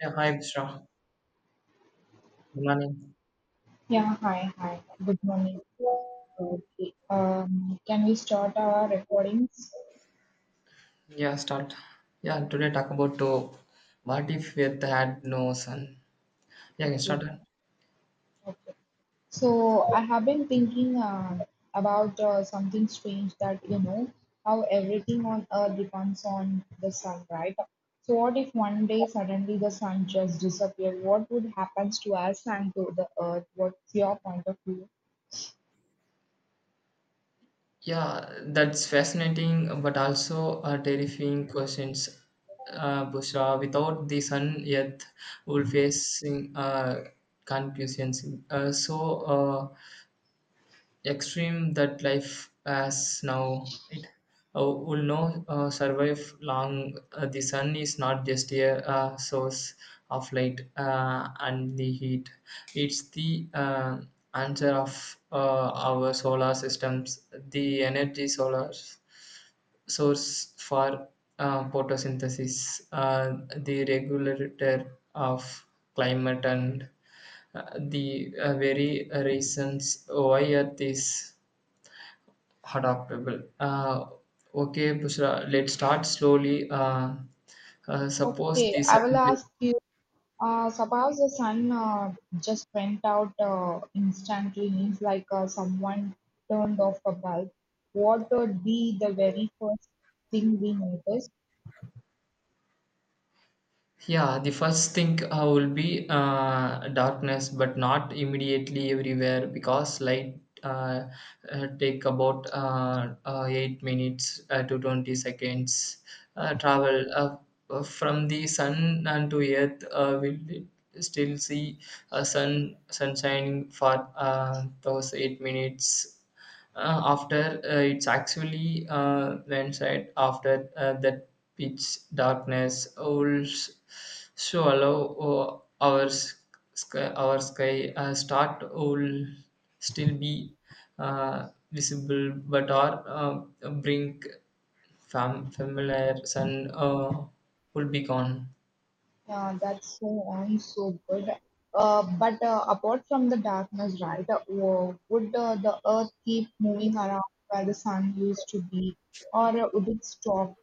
Yeah, hi Vishra. Good morning. Yeah, hi, hi. Good morning. Okay. Can we start our recordings? Yeah, start. Yeah, today talk about what if Earth had no sun? Yeah, can start. Okay, okay. So I have been thinking about something strange that how everything on Earth depends on the sun, right? So what if one day suddenly the sun just disappeared? What would happen to us and to the Earth? What's your point of view? Yeah, that's fascinating, but also a terrifying questions. Bushra, without the sun, Earth will facing confusions. Uh, so, uh, extreme that life as now it will no survive long, the sun is not just a source of light and the heat, it's the answer of our solar systems, the energy solar source for photosynthesis, the regulator of climate and the very reasons why earth is adaptable. Okay, Pushra, let's start slowly. Suppose Okay, the I will sun is ask you. Suppose the sun just went out instantly, means like someone turned off a bulb. What would be the very first thing we notice? yeah, the first thing will be darkness, but not immediately everywhere because light take about 8 minutes to 20 seconds travel, from the sun and to earth. Will still see sun shining for those 8 minutes. After it's actually landslide after that, pitch darkness owls swallow our sky, start will still be visible, but our brink familiar sun will be gone. That's so on, so good. But apart from the darkness, right, would the earth keep moving around where the sun used to be, or would it stop?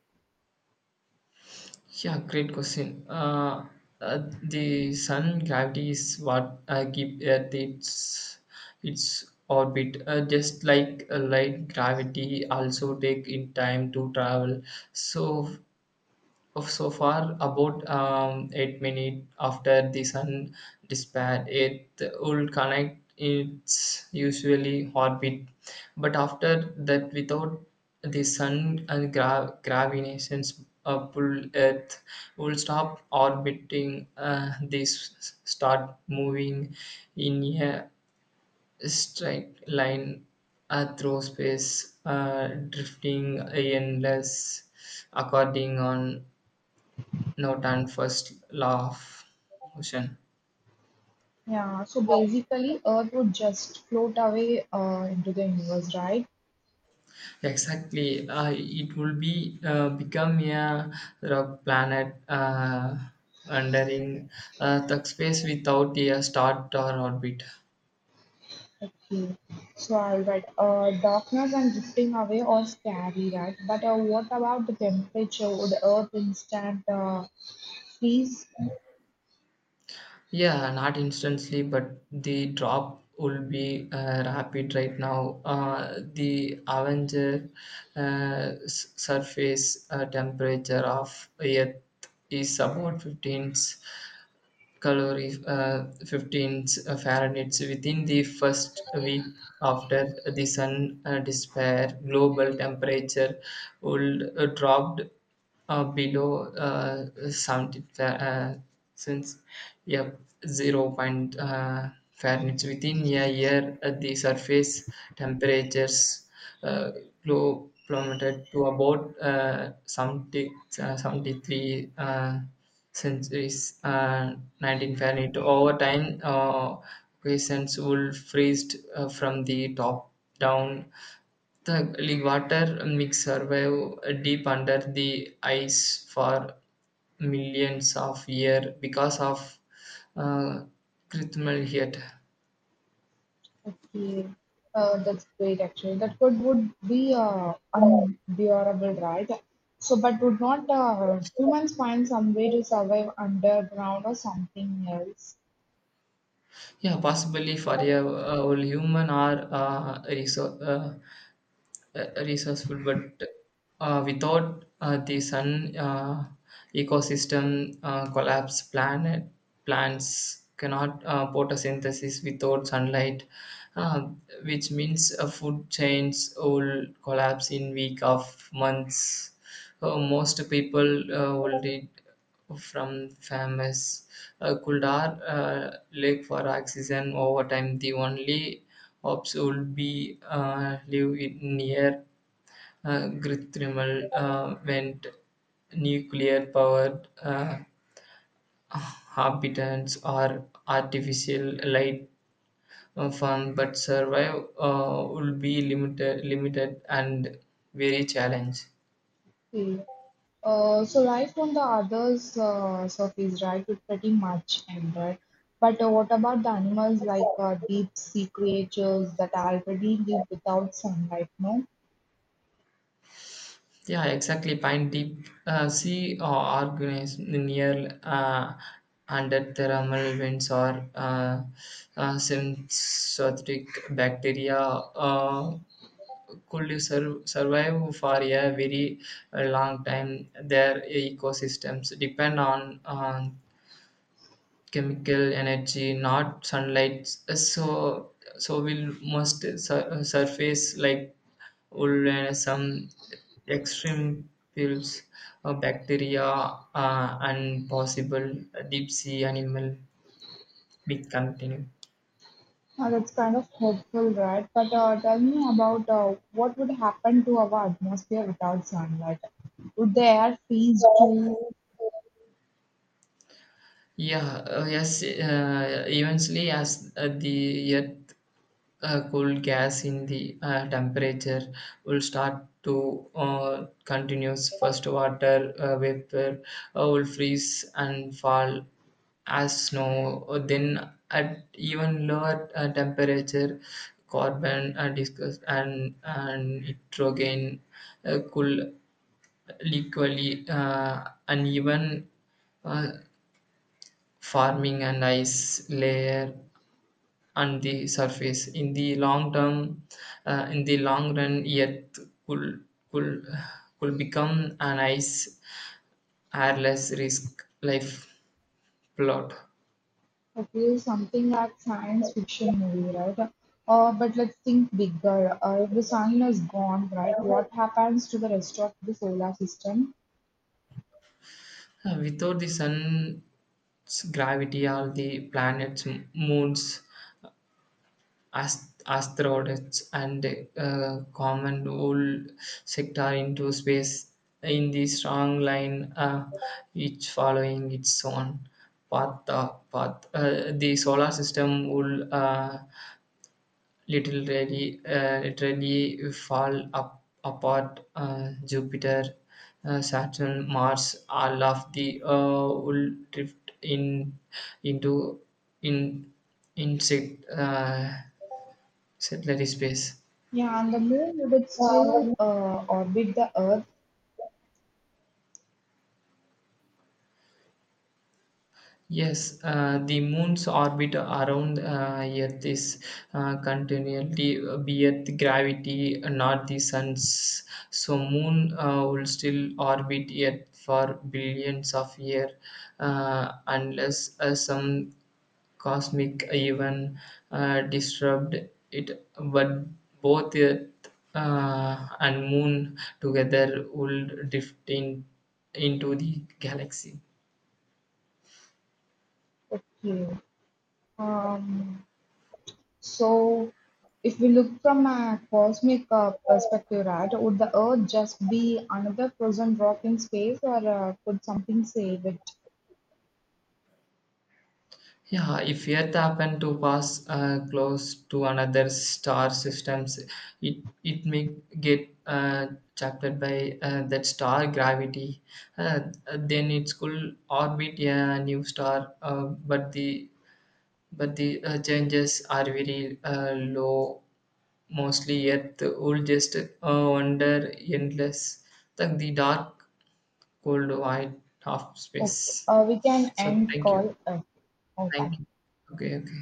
Yeah, great question. The sun gravity is what keep Earth its orbit. Just like light gravity, also take in time to travel. So of so far about 8 minutes after the sun disappeared, it will connect its usually orbit, but after that without the sun and gravitation's pull, earth will stop orbiting, this start moving in a straight line through space, drifting endless according on not and first law of motion. Yeah, so basically, earth would just float away into the universe, right? Exactly, it will be become a rock planet wandering the space without a start or orbit. Okay. So, all right. Darkness and drifting away are scary, right? But what about the temperature? Would Earth instant freeze? Yeah, not instantly but the drop will be rapid right now. The avenger surface temperature of earth is about 15 calorie, 15 Fahrenheit within the first week after the sun despair. Global temperature would dropped below 70 since yep 0 point Fahrenheit within a year. The surface temperatures uh, plummeted to about 70, 73 since centuries, 1948. Over time, questions would freeze from the top down, the league water mix survive deep under the ice for millions of years because of uh, critical heat. Okay. That's great, actually. That could would be unbearable, right? So, but would not humans find some way to survive underground or something else? Yeah, possibly for a whole human or resource, resourceful, but without the sun ecosystem collapse, planet plants cannot photosynthesis without sunlight, uh, which means food chains will collapse in week of months. Most people will need from famous Kuldar lake for oxygen over time. The only Hobbes would be live in near Grithrimal went nuclear powered habitants or artificial light form, but survive will be limited and very challenged. Okay. So life on the other's surface, right, is pretty much end, right? But what about the animals like deep sea creatures that already live without sunlight? No, Yeah, exactly. Pine deep sea are organized near under thermal vents or synthetic bacteria could survive for a very long time. Their ecosystems depend on chemical energy, not sunlight. So, so will most surface like wool and some extreme fields of bacteria and possible deep sea animal we continue. That's kind of hopeful, right? But tell me about what would happen to our atmosphere without sunlight? Would the air freeze too? Yeah, yes, eventually, as the earth cool gas in the temperature will start to continues, first water vapor will freeze and fall as snow. Then at even lower temperature, carbon discuss and nitrogen could equally uneven, uh, forming an ice layer on the surface. In the long term, in the long run, Earth could, could, could become an ice airless risk life plot. Okay, something like science fiction movie, right? But let's think bigger. If the sun is gone, right, what happens to the rest of the solar system? Without the sun's gravity, all the planets, moons, asteroids and common old sector into space in the strong line, each following its own path. The solar system will literally fall up, apart. Jupiter, Saturn, Mars, all of the will drift in into in insect. Satellite space. Yeah, and the moon would it still orbit the Earth? Yes, the moon's orbit around Earth is continually with gravity, not the sun's. So, moon will still orbit Earth for billions of years, unless some cosmic event disturbed it. But both Earth and moon together will drift in, into the galaxy. Okay. Um, so, if we look from a cosmic perspective, right, would the Earth just be another frozen rock in space, or could something save it? Yeah, if Earth happened to pass close to another star systems, it may get trapped by that star gravity. Uh, then it could orbit a new star, but the changes are very low. Mostly, Earth will just wander endless, like the dark, cold, white half Okay, space. We can So end thank you, call Earth. Oh, thank you. thank you. Okay, okay.